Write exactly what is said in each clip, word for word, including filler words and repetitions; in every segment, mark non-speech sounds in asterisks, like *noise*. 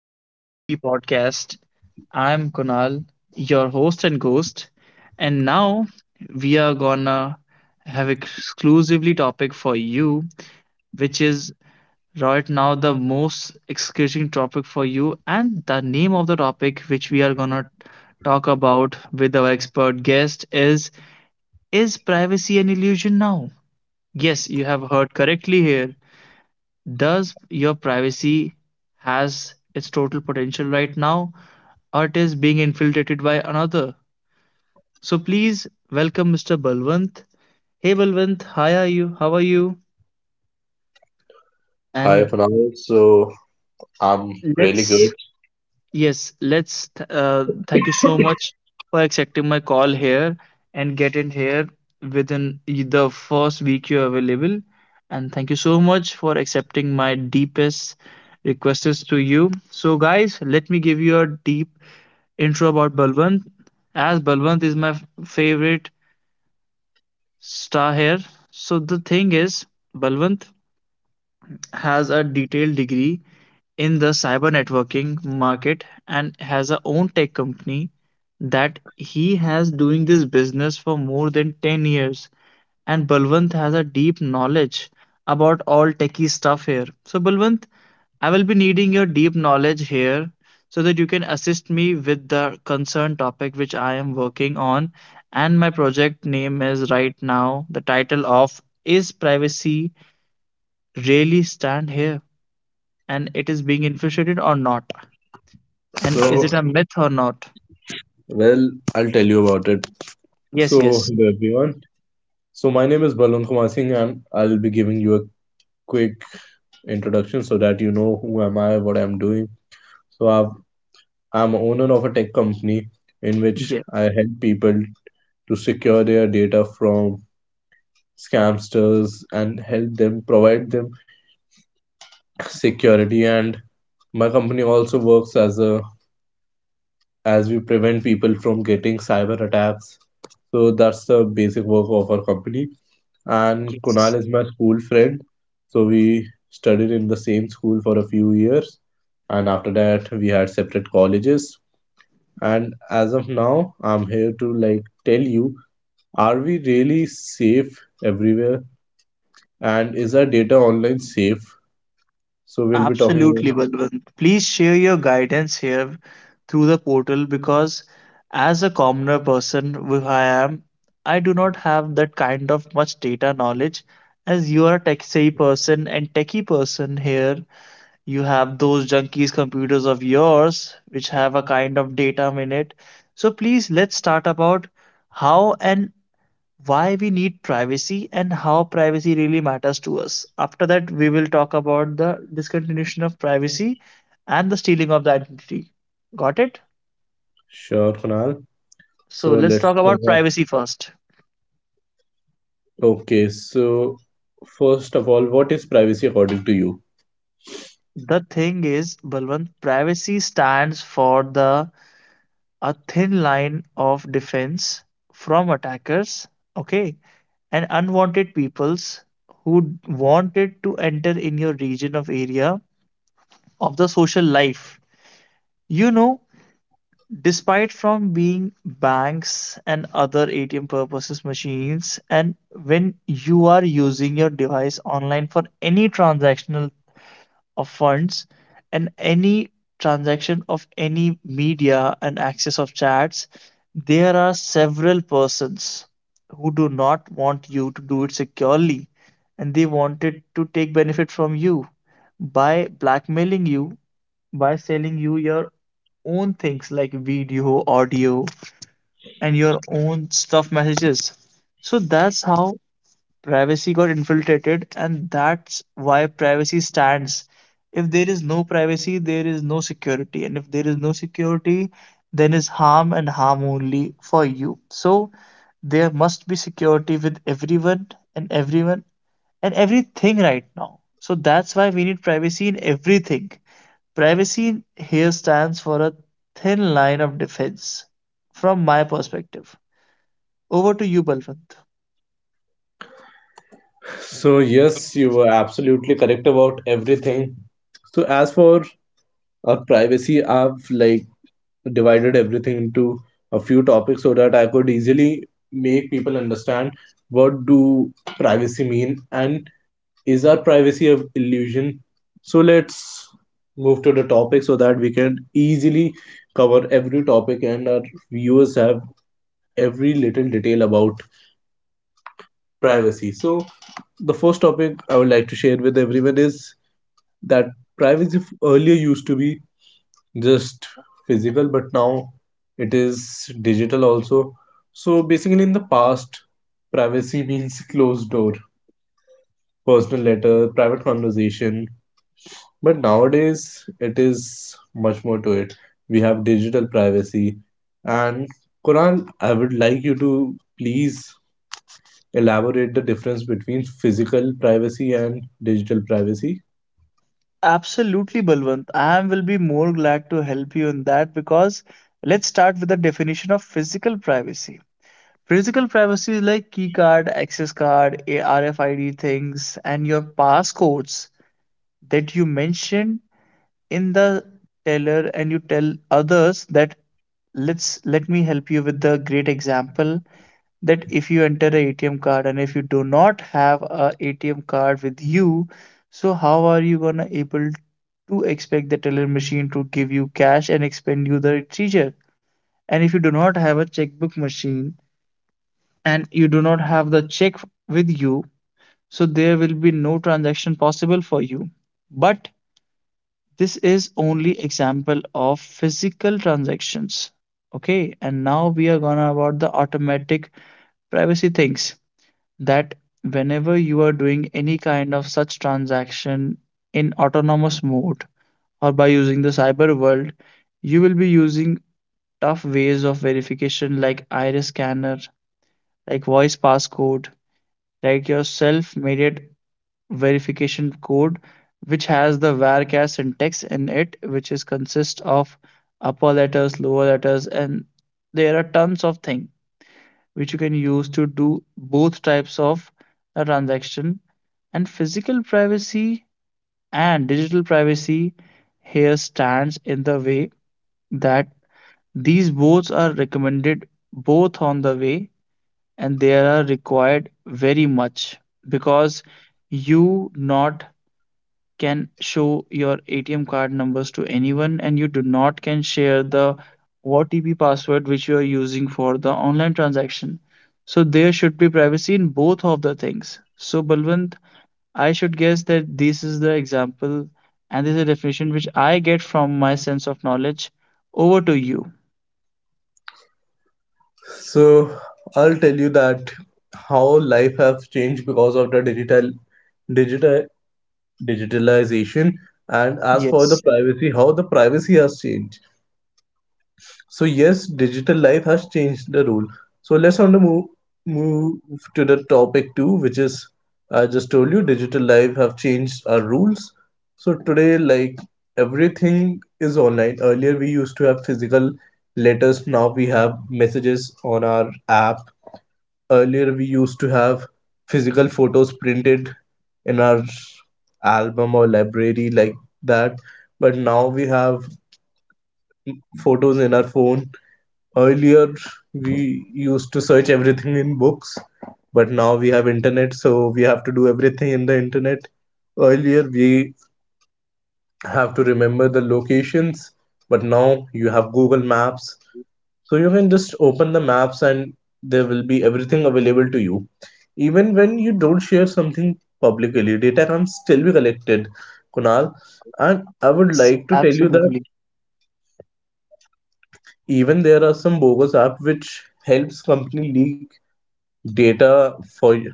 Welcome to T P Podcast. I'm Kunal, your host and ghost. And now we are gonna have exclusively topic for you, which is right now the most excruciating topic for you, and the name of the topic which we are gonna talk about with our expert guest is Is privacy an illusion now? Yes, you have heard correctly here. Does your privacy has its total potential right now or it is being infiltrated by another? So please welcome Mr. Balwant. Hey Balwant, how are you? How are you? Hi And Panal. so I'm really good. let's, yes, let's th- uh, thank you so much for accepting my call here and get in here within the first week you're available, and thank you so much for accepting my deepest requests to you. So guys, let me give you a deep intro about Balwant, as Balwant is my f- favorite star here. So the thing is, Balwant has a detailed degree in the cyber networking market and has a own tech company that he has doing this business for more than ten years, and Balwant has a deep knowledge about all techie stuff here. So, Balwant, I will be needing your deep knowledge here so that you can assist me with the concerned topic which I am working on. And my project name is right now the title of Is Privacy Really Stand Here? And it is being infiltrated or not? And is So, it a myth or not? well, I'll tell you about it. So, Yes, yes, hello everyone. So, my name is Balwant Kumar Singh and I'll be giving you a quick introduction so that you know who am I, what I'm doing. So, I've, I'm owner of a tech company in which yes, I help people to secure their data from scamsters and help them provide them security and my company also works as a as we prevent people from getting cyber attacks. So that's the basic work of our company. And Kunal yes. is my school friend. So we studied in the same school for a few years. And after that, we had separate colleges. And as of now, I'm here to like tell you, are we really safe everywhere? And is our data online safe? So we'll be talking Absolutely, about Balwant. Please share your guidance here through the portal because, as a commoner person who I am, I do not have that kind of much data knowledge. As you are a tech savvy person and techie person here, you have those junkies computers of yours which have a kind of data in it. So please, let's start about how an why we need privacy and how privacy really matters to us. After that, we will talk about the discontinuation of privacy and the stealing of the identity. Got it? sure, Kunal. So So let's let's talk about talk privacy first. Okay, so first of all, what is privacy according to you? The thing is, Balwant, privacy stands for the a thin line of defense from attackers, okay, and unwanted peoples who wanted to enter in your region of area of the social life. You know, despite from being banks and other A T M purposes machines, and when you are using your device online for any transactional of funds and any transaction of any media and access of chats, there are several persons who do not want you to do it securely and they wanted to take benefit from you by blackmailing you, by selling you your own things like video, audio, and your own stuff messages. So that's how privacy got infiltrated, and that's why privacy stands. If there is no privacy, there is no security, and if there is no security, then is harm and harm only for you. So there must be security with everyone and everyone and everything right now. So that's why we need privacy in everything. Privacy here stands for a thin line of defense from my perspective. Over to you, Balwant. So, yes, you were absolutely correct about everything. So, as for our privacy, I've like divided everything into a few topics so that I could easily make people understand what do privacy mean and is our privacy a illusion? So, let's move to the topic so that we can easily cover every topic and our viewers have every little detail about privacy. So, the first topic I would like to share with everyone is that privacy f- earlier used to be just physical, but now it is digital also. So, basically, in the past, privacy means closed door, personal letter, private conversation, but nowadays it is much more to it. We have digital privacy, and Kuran, I would like you to please elaborate the difference between physical privacy and digital privacy. Absolutely, Balwant. I will be more glad to help you in that because let's start with the definition of physical privacy. Physical privacy is like key card, access card, A R F I D things, and your passcodes that you mentioned in the teller and you tell others that, let's let me help you with the great example that if you enter a ATM card and if you do not have a ATM card with you, so how are you gonna able to expect the teller machine to give you cash and expend you the treasure? And if you do not have a checkbook machine and you do not have the check with you, so there will be no transaction possible for you. But this is only example of physical transactions, okay, and now we are gonna about the automatic privacy things that whenever you are doing any kind of such transaction in autonomous mode or by using the cyber world, you will be using tough ways of verification like iris scanner, like voice passcode, like your self-made verification code which has the varchar syntax in it which is consists of upper letters, lower letters, and there are tons of things which you can use to do both types of a transaction. And physical privacy and digital privacy here stands in the way that these both are recommended both on the way and they are required very much because you not can show your A T M card numbers to anyone and you do not can share the O T P password which you are using for the online transaction. So there should be privacy in both of the things. So Balwant, I should guess that this is the example and this is a definition which I get from my sense of knowledge. Over to you. So I'll tell you that how life have changed because of the digital digital digitalization and as for the Yes, privacy how the privacy has changed. So yes, digital life has changed the rule. So let's on the move move to the topic two, which is I just told you digital life have changed our rules. So today, like everything is online. Earlier we used to have physical letters. Now we have messages on our app. Earlier we used to have physical photos printed in our album or library like that. But now we have photos in our phone. Earlier we used to search everything in books but now we have internet so we have to do everything in the internet. Earlier we have to remember the locations but now you have Google Maps, so you can just open the maps and there will be everything available to you. Even when you don't share something publicly, data can still be collected, Kunal, and I would s- like to tell you that absolutely. even there are some bogus apps which helps company leak data for you,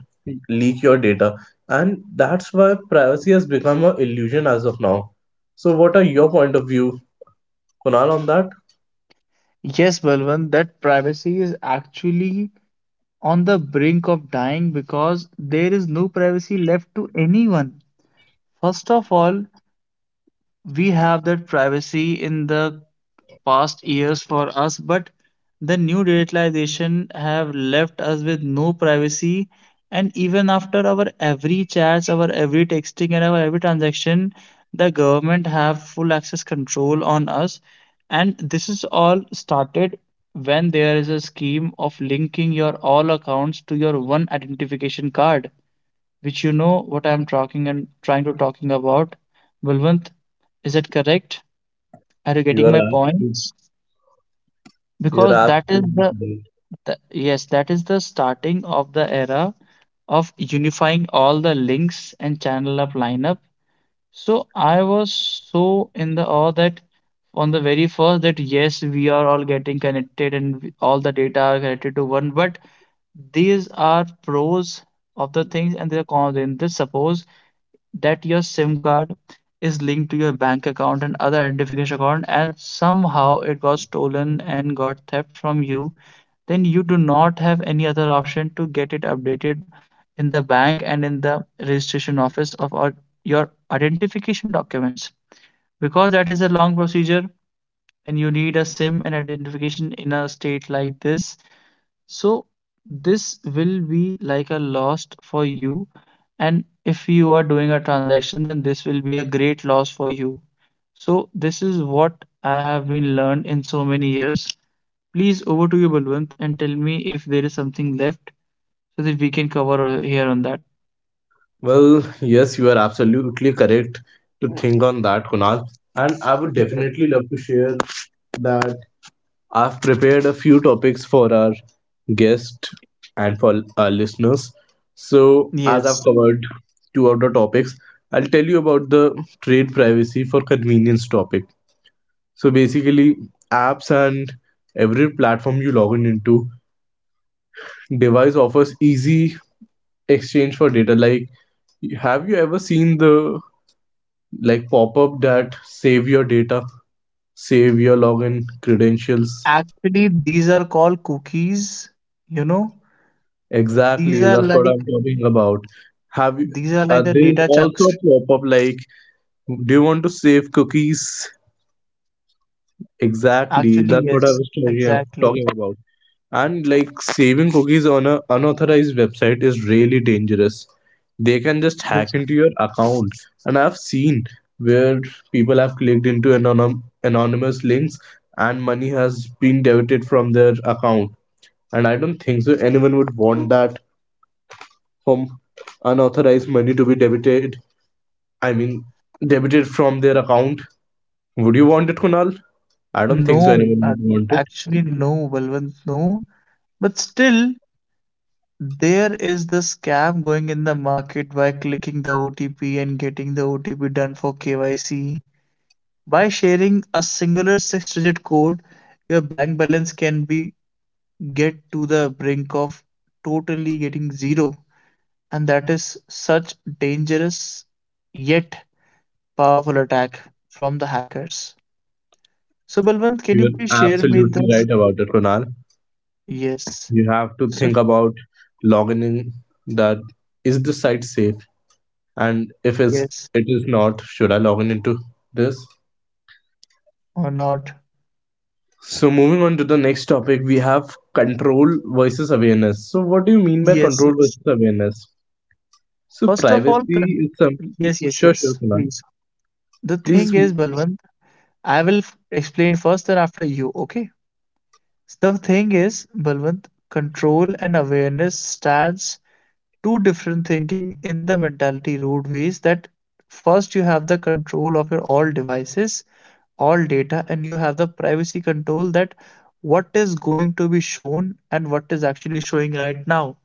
leak your data, and that's why privacy has become an illusion as of now. So what are your point of view, Kunal, on that? Yes, Balwant, that privacy is actually on the brink of dying because there is no privacy left to anyone. First of all, we have that privacy in the past years for us, but the new digitalization have left us with no privacy. And even after our every chats, our every texting, and our every transaction, the government have full access control on us. And this is all started when there is a scheme of linking your all accounts to your one identification card, which you know what I'm talking and trying to talking about. Bulwant, is that correct? Are you You are getting my absolutely, points? you are Because that is absolutely the, correct. the yes, that is the starting of the era of unifying all the links and channel up lineup. So I was so in the awe that on the very first that yes, we are all getting connected and we- all the data are connected to one, but these are pros of the things and their cons. In this, suppose that your SIM card is linked to your bank account and other identification account, and somehow it got stolen and got theft from you, then you do not have any other option to get it updated in the bank and in the registration office of our, your identification documents, because that is a long procedure and you need a sim and identification in a state like this. So this will be like a loss for you, and if you are doing a transaction then this will be a great loss for you. So this is what I have been learned in so many years. Please over to you Balwant, and tell me if there is something left so that we can cover uh, here on that. Well yes, you are absolutely correct to think on that, Kunal, and I would Yes. definitely love to share that I've prepared a few topics for our guest and for our listeners. So, as I've Yes, covered two of the topics, I'll tell you about the trade privacy for convenience topic. So, basically, apps and every platform you log in into, device offers easy exchange for data. Like, have you ever seen the like pop up that save your data, save your login credentials? actually, these are called cookies. You know, these Exactly, are that's what like, I'm talking about. Have you, these are like uh, the there's data also chunks. a pop-up like, do you want to save cookies? Exactly, Actually, that's what I yes, was talking, exactly. talking about. And like saving cookies on a unauthorized website is really dangerous. They can just hack Bec- into your account. And I've seen where people have clicked into anonym, anonymous links and money has been debited from their account. And I don't think so anyone would want that from unauthorized money to be debited. I mean, debited from their account. Would you want it, Kunal? I don't No, think so. Anyone uh, would want it. actually, no, Balwant, no. But still, there is the scam going in the market by clicking the O T P and getting the O T P done for K Y C. By sharing a singular six-digit code, your bank balance can be get to the brink of totally getting zero. And that is such dangerous yet powerful attack from the hackers. So Balwant, can you You're please share me absolutely this? right about it, Kunal. Yes. You have to So think about logging in. That is the site safe, and if it's yes it is not, should I log in into this? or not? So moving on to the next topic, we have control versus awareness. So what do you mean by Yes, control yes. versus awareness? So First of all, privacy con- is some yes, yes, sure sure yes. Kunal. Please. The Please. thing is, Balwant, I will f- explain first, then after you. Okay. The thing is, Balwant, control and awareness stands two different thinking in the mentality roadways, that first you have the control of your all devices, all data, and you have the privacy control that what is going to be shown and what is actually showing right now.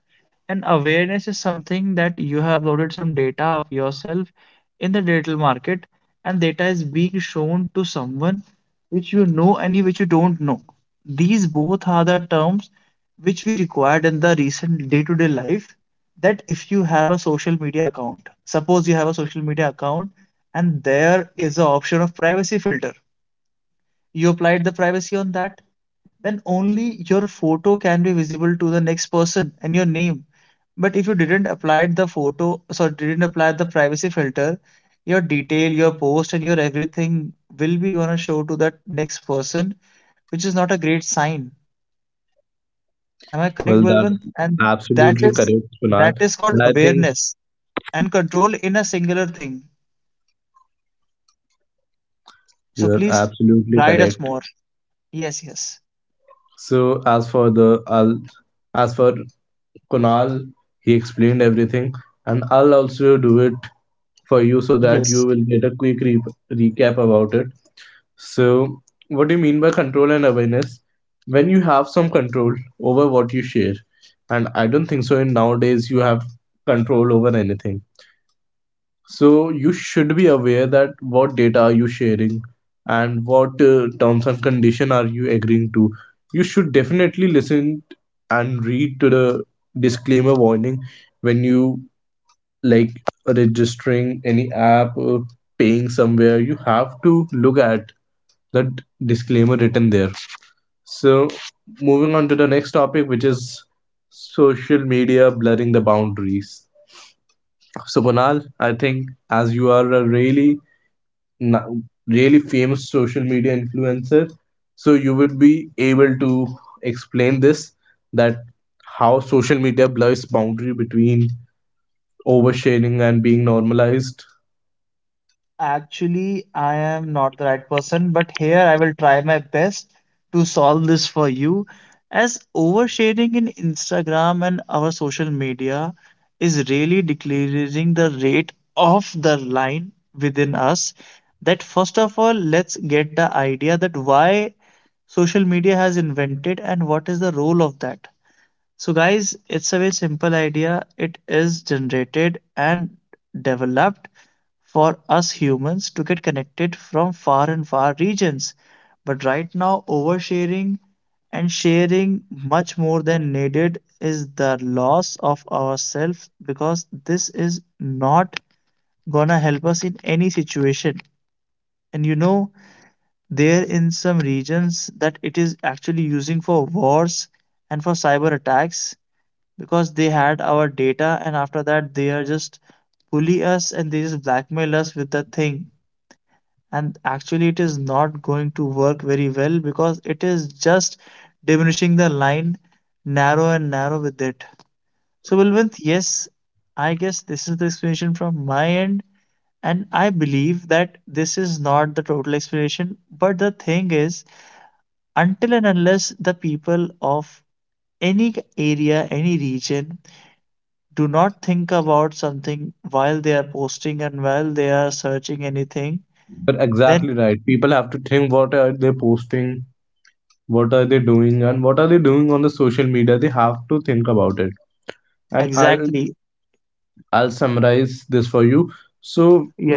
And awareness is something that you have uploaded some data of yourself in the digital market, and data is being shown to someone which you know and which you don't know. These both are the terms which we required in the recent day to day life. That if you have a social media account, suppose you have a social media account and there is an option of privacy filter, you applied the privacy on that, then only your photo can be visible to the next person and your name. But if you didn't apply the photo, so didn't apply the privacy filter, your detail, your post, and your everything will be gonna show to that next person, which is not a great sign. Am I correct, Well, Balwant? that's And that absolutely is, correct, Kunal. that is called And I think awareness and control in a singular thing. So you're please absolutely guide us correct. more. Yes, yes, So as for the I'll, as for Kunal, he explained everything, and I'll also do it for you so that yes. you will get a quick re- recap about it. So what do you mean by control and awareness? When you have some control over what you share, and I don't think so in nowadays you have control over anything. So you should be aware that what data are you sharing and what uh, terms and condition are you agreeing to. You should definitely listen and read to the disclaimer warning when you like registering any app or paying somewhere. You have to look at that disclaimer written there. So moving on to the next topic, which is social media blurring the boundaries. So Kunal, I think as you are a really n- really famous social media influencer, so you would be able to explain this that how social media blurs boundary between oversharing and being normalized. Actually, I am not the right person, but here I will try my best to solve this for you. As oversharing in Instagram and our social media is really decreasing the rate of the line within us, that first of all, let's get the idea that why social media has invented and what is the role of that. So, guys, it's a very simple idea. It is generated and developed for us humans to get connected from far and far regions. But right now, oversharing and sharing much more than needed is the loss of ourselves because this is not gonna help us in any situation. And you know, there in some regions that it is actually using for wars and for cyber attacks because they had our data and after that they are just bully us and they just blackmail us with the thing, and actually it is not going to work very well because it is just diminishing the line narrow and narrow with it. So Balwant, yes, I guess this is the explanation from my end, and I believe that this is not the total explanation but the thing is, until and unless the people of any area, any region do not think about something while they are posting and while they are searching anything, But then exactly right, people have to think what are they posting, what are they doing and what are they doing on the social media, they have to think about it. And i'll exactly. i'll summarize this for you. So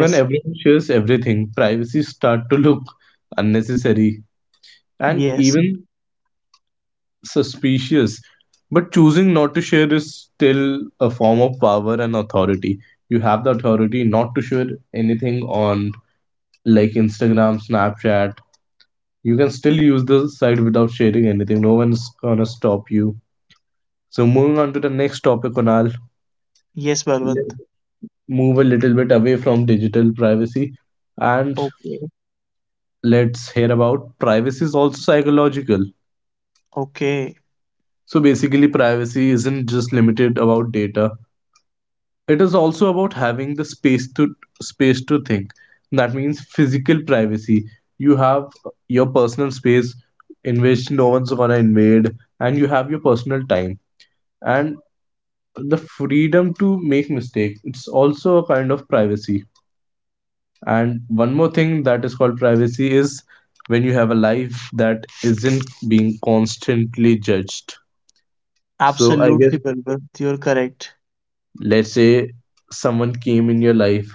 when everyone shares everything, privacy start to look unnecessary and Yes. even suspicious. But choosing not to share is still a form of power and authority. You have the authority not to share anything on like Instagram, Snapchat. You can still use the site without sharing anything. No one's gonna stop you. So moving on to the next topic, Kunal. Yes, Balwant. Let's move a little bit away from digital privacy and Okay. let's hear about privacy is also psychological. Okay. So basically, privacy isn't just limited about data. It is also about having the space to space to think. That means physical privacy, you have your personal space in which no one's gonna invade, and you have your personal time and the freedom to make mistakes, it's also a kind of privacy. And one more thing that is called privacy is when you have a life that isn't being constantly judged. So I guess Absolutely, Balwant. You're correct. let's say someone came in your life,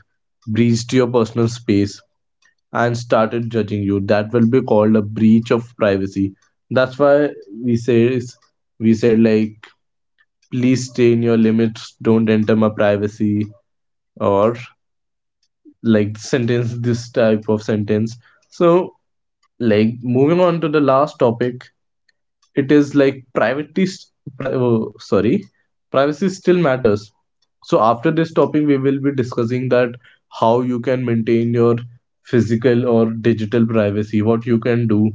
breached your personal space and started judging you, that will be called a breach of privacy. That's why we say, we said like, please stay in your limits, don't enter my privacy, or like sentence, this type of sentence. So like moving on to the last topic, it is like privacy s- pri- oh, sorry privacy still matters. So after this topic we will be discussing that how you can maintain your physical or digital privacy, what you can do.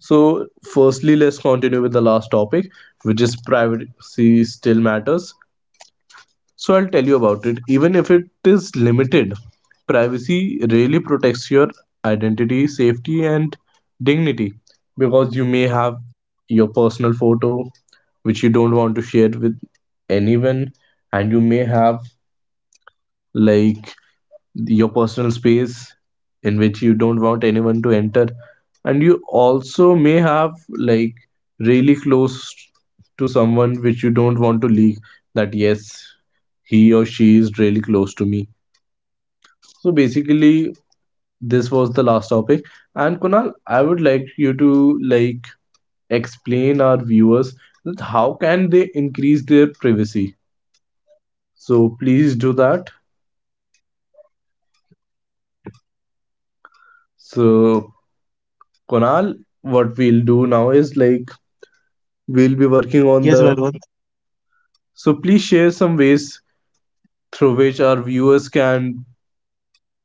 So, firstly, let's continue with the last topic, which is privacy still matters. So, I'll tell you about it. Even if it is limited, privacy really protects your identity, safety, and dignity because you may have your personal photo which you don't want to share with anyone, and you may have like your personal space in which you don't want anyone to enter, and you also may have like really close to someone which you don't want to leak that yes he or she is really close to me. So basically this was the last topic, and Kunal, I would like you to like explain our viewers that how can they increase their privacy, so please do that. So Kunal, what we'll do now is like we'll be working on Yes, the. Balwant. So please share some ways through which our viewers can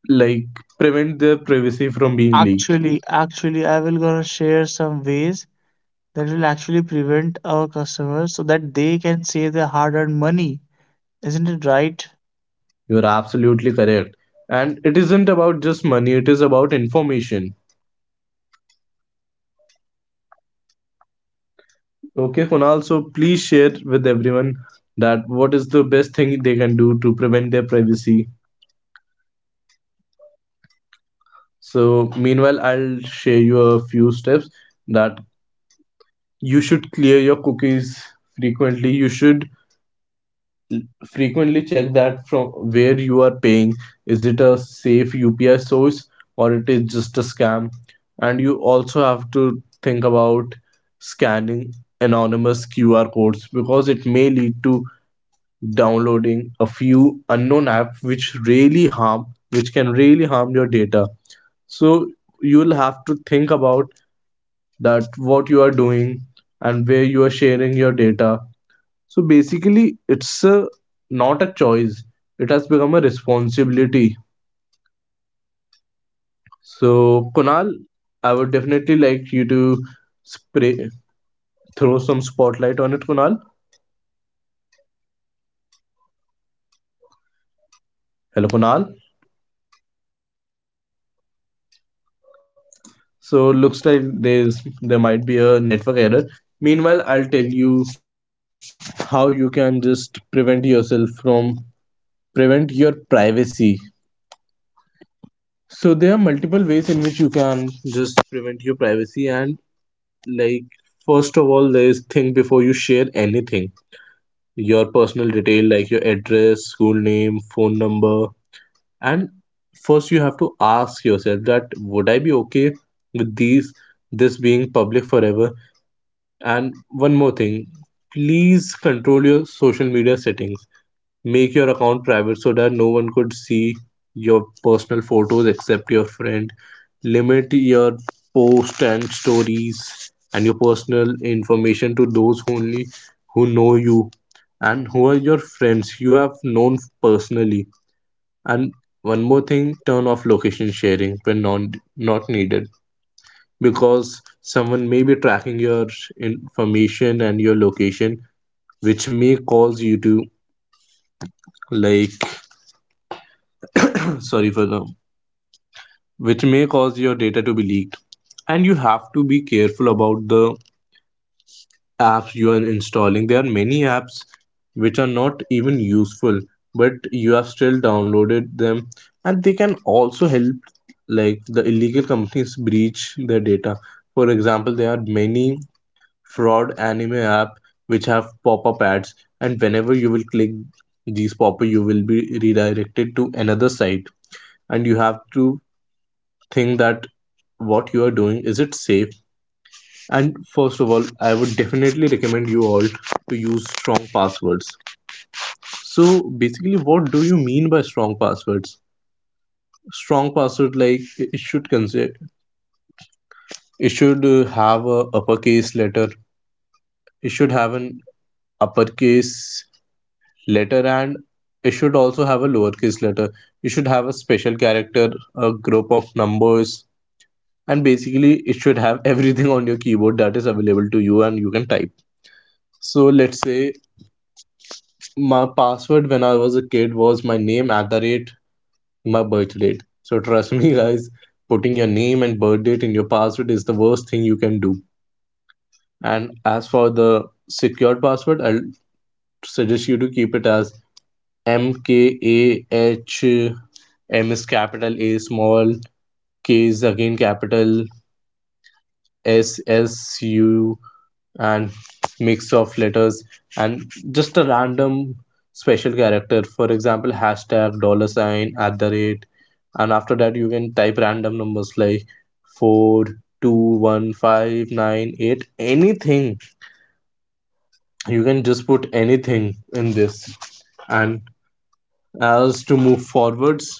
like prevent their privacy from being leaked. Actually, actually, I will gonna share some ways that will actually prevent our customers so that they can save their hard-earned money. Isn't it right? You're absolutely correct. And it isn't about just money, it is about information. Okay, Kunal, so please share with everyone that what is the best thing they can do to prevent their privacy. So meanwhile, I'll share you a few steps that you should clear your cookies frequently. You should frequently check that from where you are paying, is it a safe U P I source or it is just a scam, and you also have to think about scanning anonymous Q R codes because it may lead to downloading a few unknown app which really harm, which can really harm your data. So you'll have to think about that what you are doing and where you are sharing your data. So basically, it's a, not a choice, it has become a responsibility. So, Kunal, I would definitely like you to spray, throw some spotlight on it, Kunal. Hello, Kunal. So, looks like there's there might be a network error. Meanwhile, I'll tell you how you can just prevent yourself from prevent your privacy. So, there are multiple ways in which you can just prevent your privacy, and like first of all there is, think before you share anything, your personal detail like your address, school name, phone number. And first you have to ask yourself, that would I be okay with these this being public forever? And one more thing, please control your social media settings. Make your account private so that no one could see your personal photos except your friend. Limit your posts and stories and your personal information to those only who know you and who are your friends you have known personally. And one more thing, turn off location sharing when non, not needed, because someone may be tracking your information and your location, which may cause you to like *coughs* *clears throat* sorry for the which may cause your data to be leaked. And you have to be careful about the apps you are installing. There are many apps which are not even useful, but you have still downloaded them, and they can also help like the illegal companies breach their data. For example, there are many fraud anime app which have pop-up ads, and whenever you will click these pop-up, you will be redirected to another site. And you have to think that what you are doing, is it safe? And first of all, I would definitely recommend you all to use strong passwords. So basically, what do you mean by strong passwords? Strong password, like, it should consider it should uh, have a uppercase letter, it should have an uppercase letter, and it should also have a lowercase letter, it should have a special character, a group of numbers, and basically it should have *laughs* everything on your keyboard that is available to you and you can type. So let's say my password when I was a kid was my name at the rate my birth date. So trust me, guys, putting your name and birth date in your password is the worst thing you can do. And as for the secured password, I'll suggest you to keep it as M K A H M, is capital, A small, K is again capital, S S U, and mix of letters, and just a random special character, for example, hashtag, dollar sign, at the rate. And after that you can type random numbers like four two one five nine eight, anything. You can just put anything in this. And as to move forwards,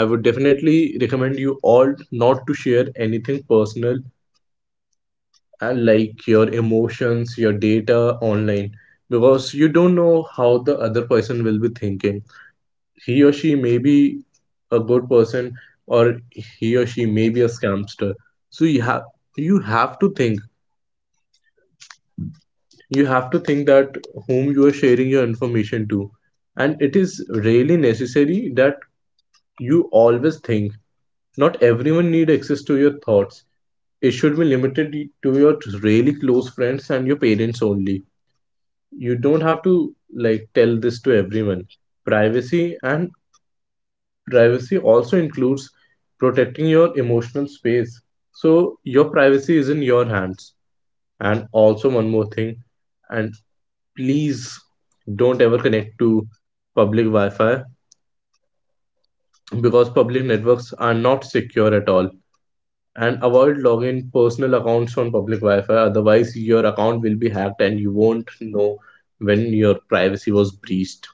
I would definitely recommend you all not to share anything personal, uh, like your emotions, your data online, because you don't know how the other person will be thinking. He or she may be a good person, or he or she may be a scamster. So you have you have to think. You have to think that whom you are sharing your information to. And it is really necessary that you always think. Not everyone need access to your thoughts. It should be limited to your really close friends and your parents only. You don't have to, like, tell this to everyone. Privacy and privacy also includes protecting your emotional space. So your privacy is in your hands. And also one more thing, and please don't ever connect to public wi-fi, because public networks are not secure at all. And avoid logging personal accounts on public wi-fi, otherwise your account will be hacked and you won't know when your privacy was breached.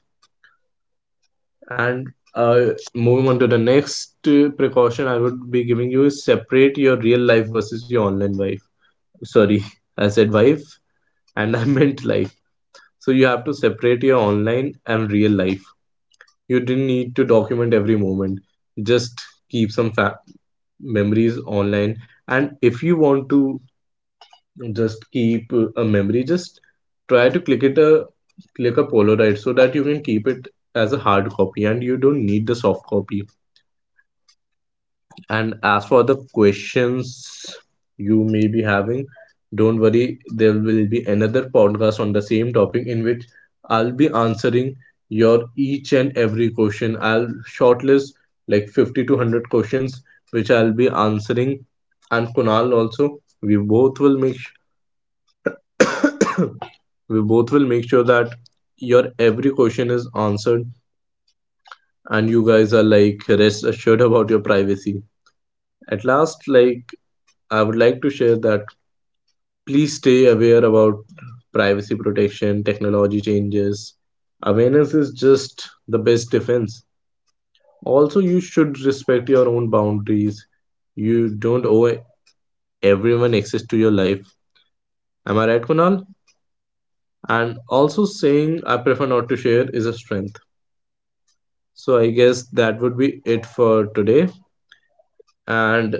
And uh, moving on to the next uh, precaution I would be giving you is, separate your real life versus your online life. Sorry, *laughs* I said wife and I *laughs* meant life. So you have to separate your online and real life. You didn't need to document every moment. Just keep some fa- memories online. And if you want to just keep uh, a memory, just try to click it a click a polaroid so that you can keep it as a hard copy and you don't need the soft copy. And as for the questions you may be having, don't worry, there will be another podcast on the same topic in which I'll be answering your each and every question. I'll shortlist like fifty to one hundred questions which I'll be answering, and Kunal also. We both will make su- *coughs* we both will make sure that your every question is answered and you guys are like rest assured about your privacy. At last, like, I would like to share that, please stay aware about privacy protection, technology changes. Awareness is just the best defense. Also, you should respect your own boundaries. You don't owe everyone access to your life. Am I right, Kunal? And also, saying I prefer not to share is a strength. So, I guess that would be it for today. And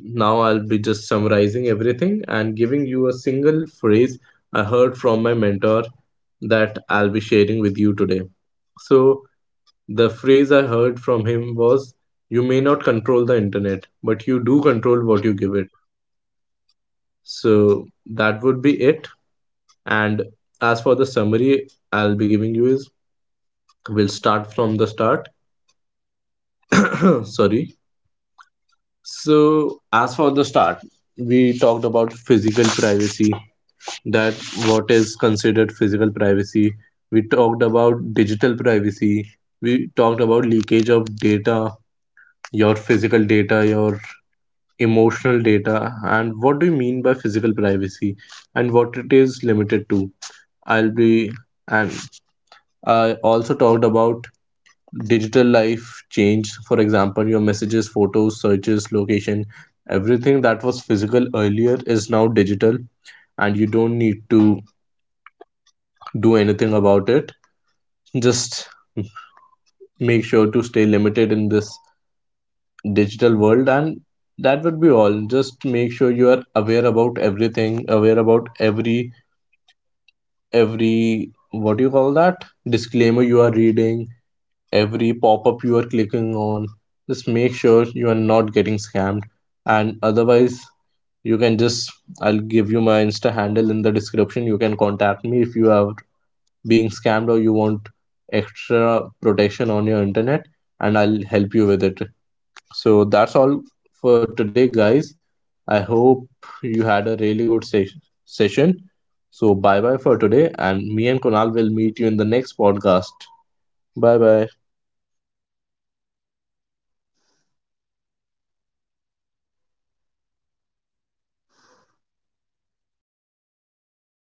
now I'll be just summarizing everything and giving you a single phrase I heard from my mentor that I'll be sharing with you today. So, the phrase I heard from him was, you may not control the internet, but you do control what you give it. So, that would be it. And as for the summary I'll be giving you is, we'll start from the start. *coughs* Sorry. So, as for the start, we talked about physical privacy, that what is considered physical privacy. We talked about digital privacy, we talked about leakage of data, your physical data, your emotional data, and what do you mean by physical privacy and what it is limited to. I'll be and I also talked about digital life change, for example, your messages, photos, searches, location. Everything that was physical earlier is now digital, and you don't need to do anything about it. Just make sure to stay limited in this digital world, and that would be all. Just make sure you are aware about everything, aware about every every, what do you call that, disclaimer you are reading, every pop-up you are clicking on. Just make sure you are not getting scammed. And otherwise you can just I'll give you my Insta handle in the description. You can contact me if you are being scammed or you want extra protection on your internet, and I'll help you with it. So that's all for today, guys. I hope you had a really good se- session. So bye bye for today, and me and Konal will meet you in the next podcast. Bye bye.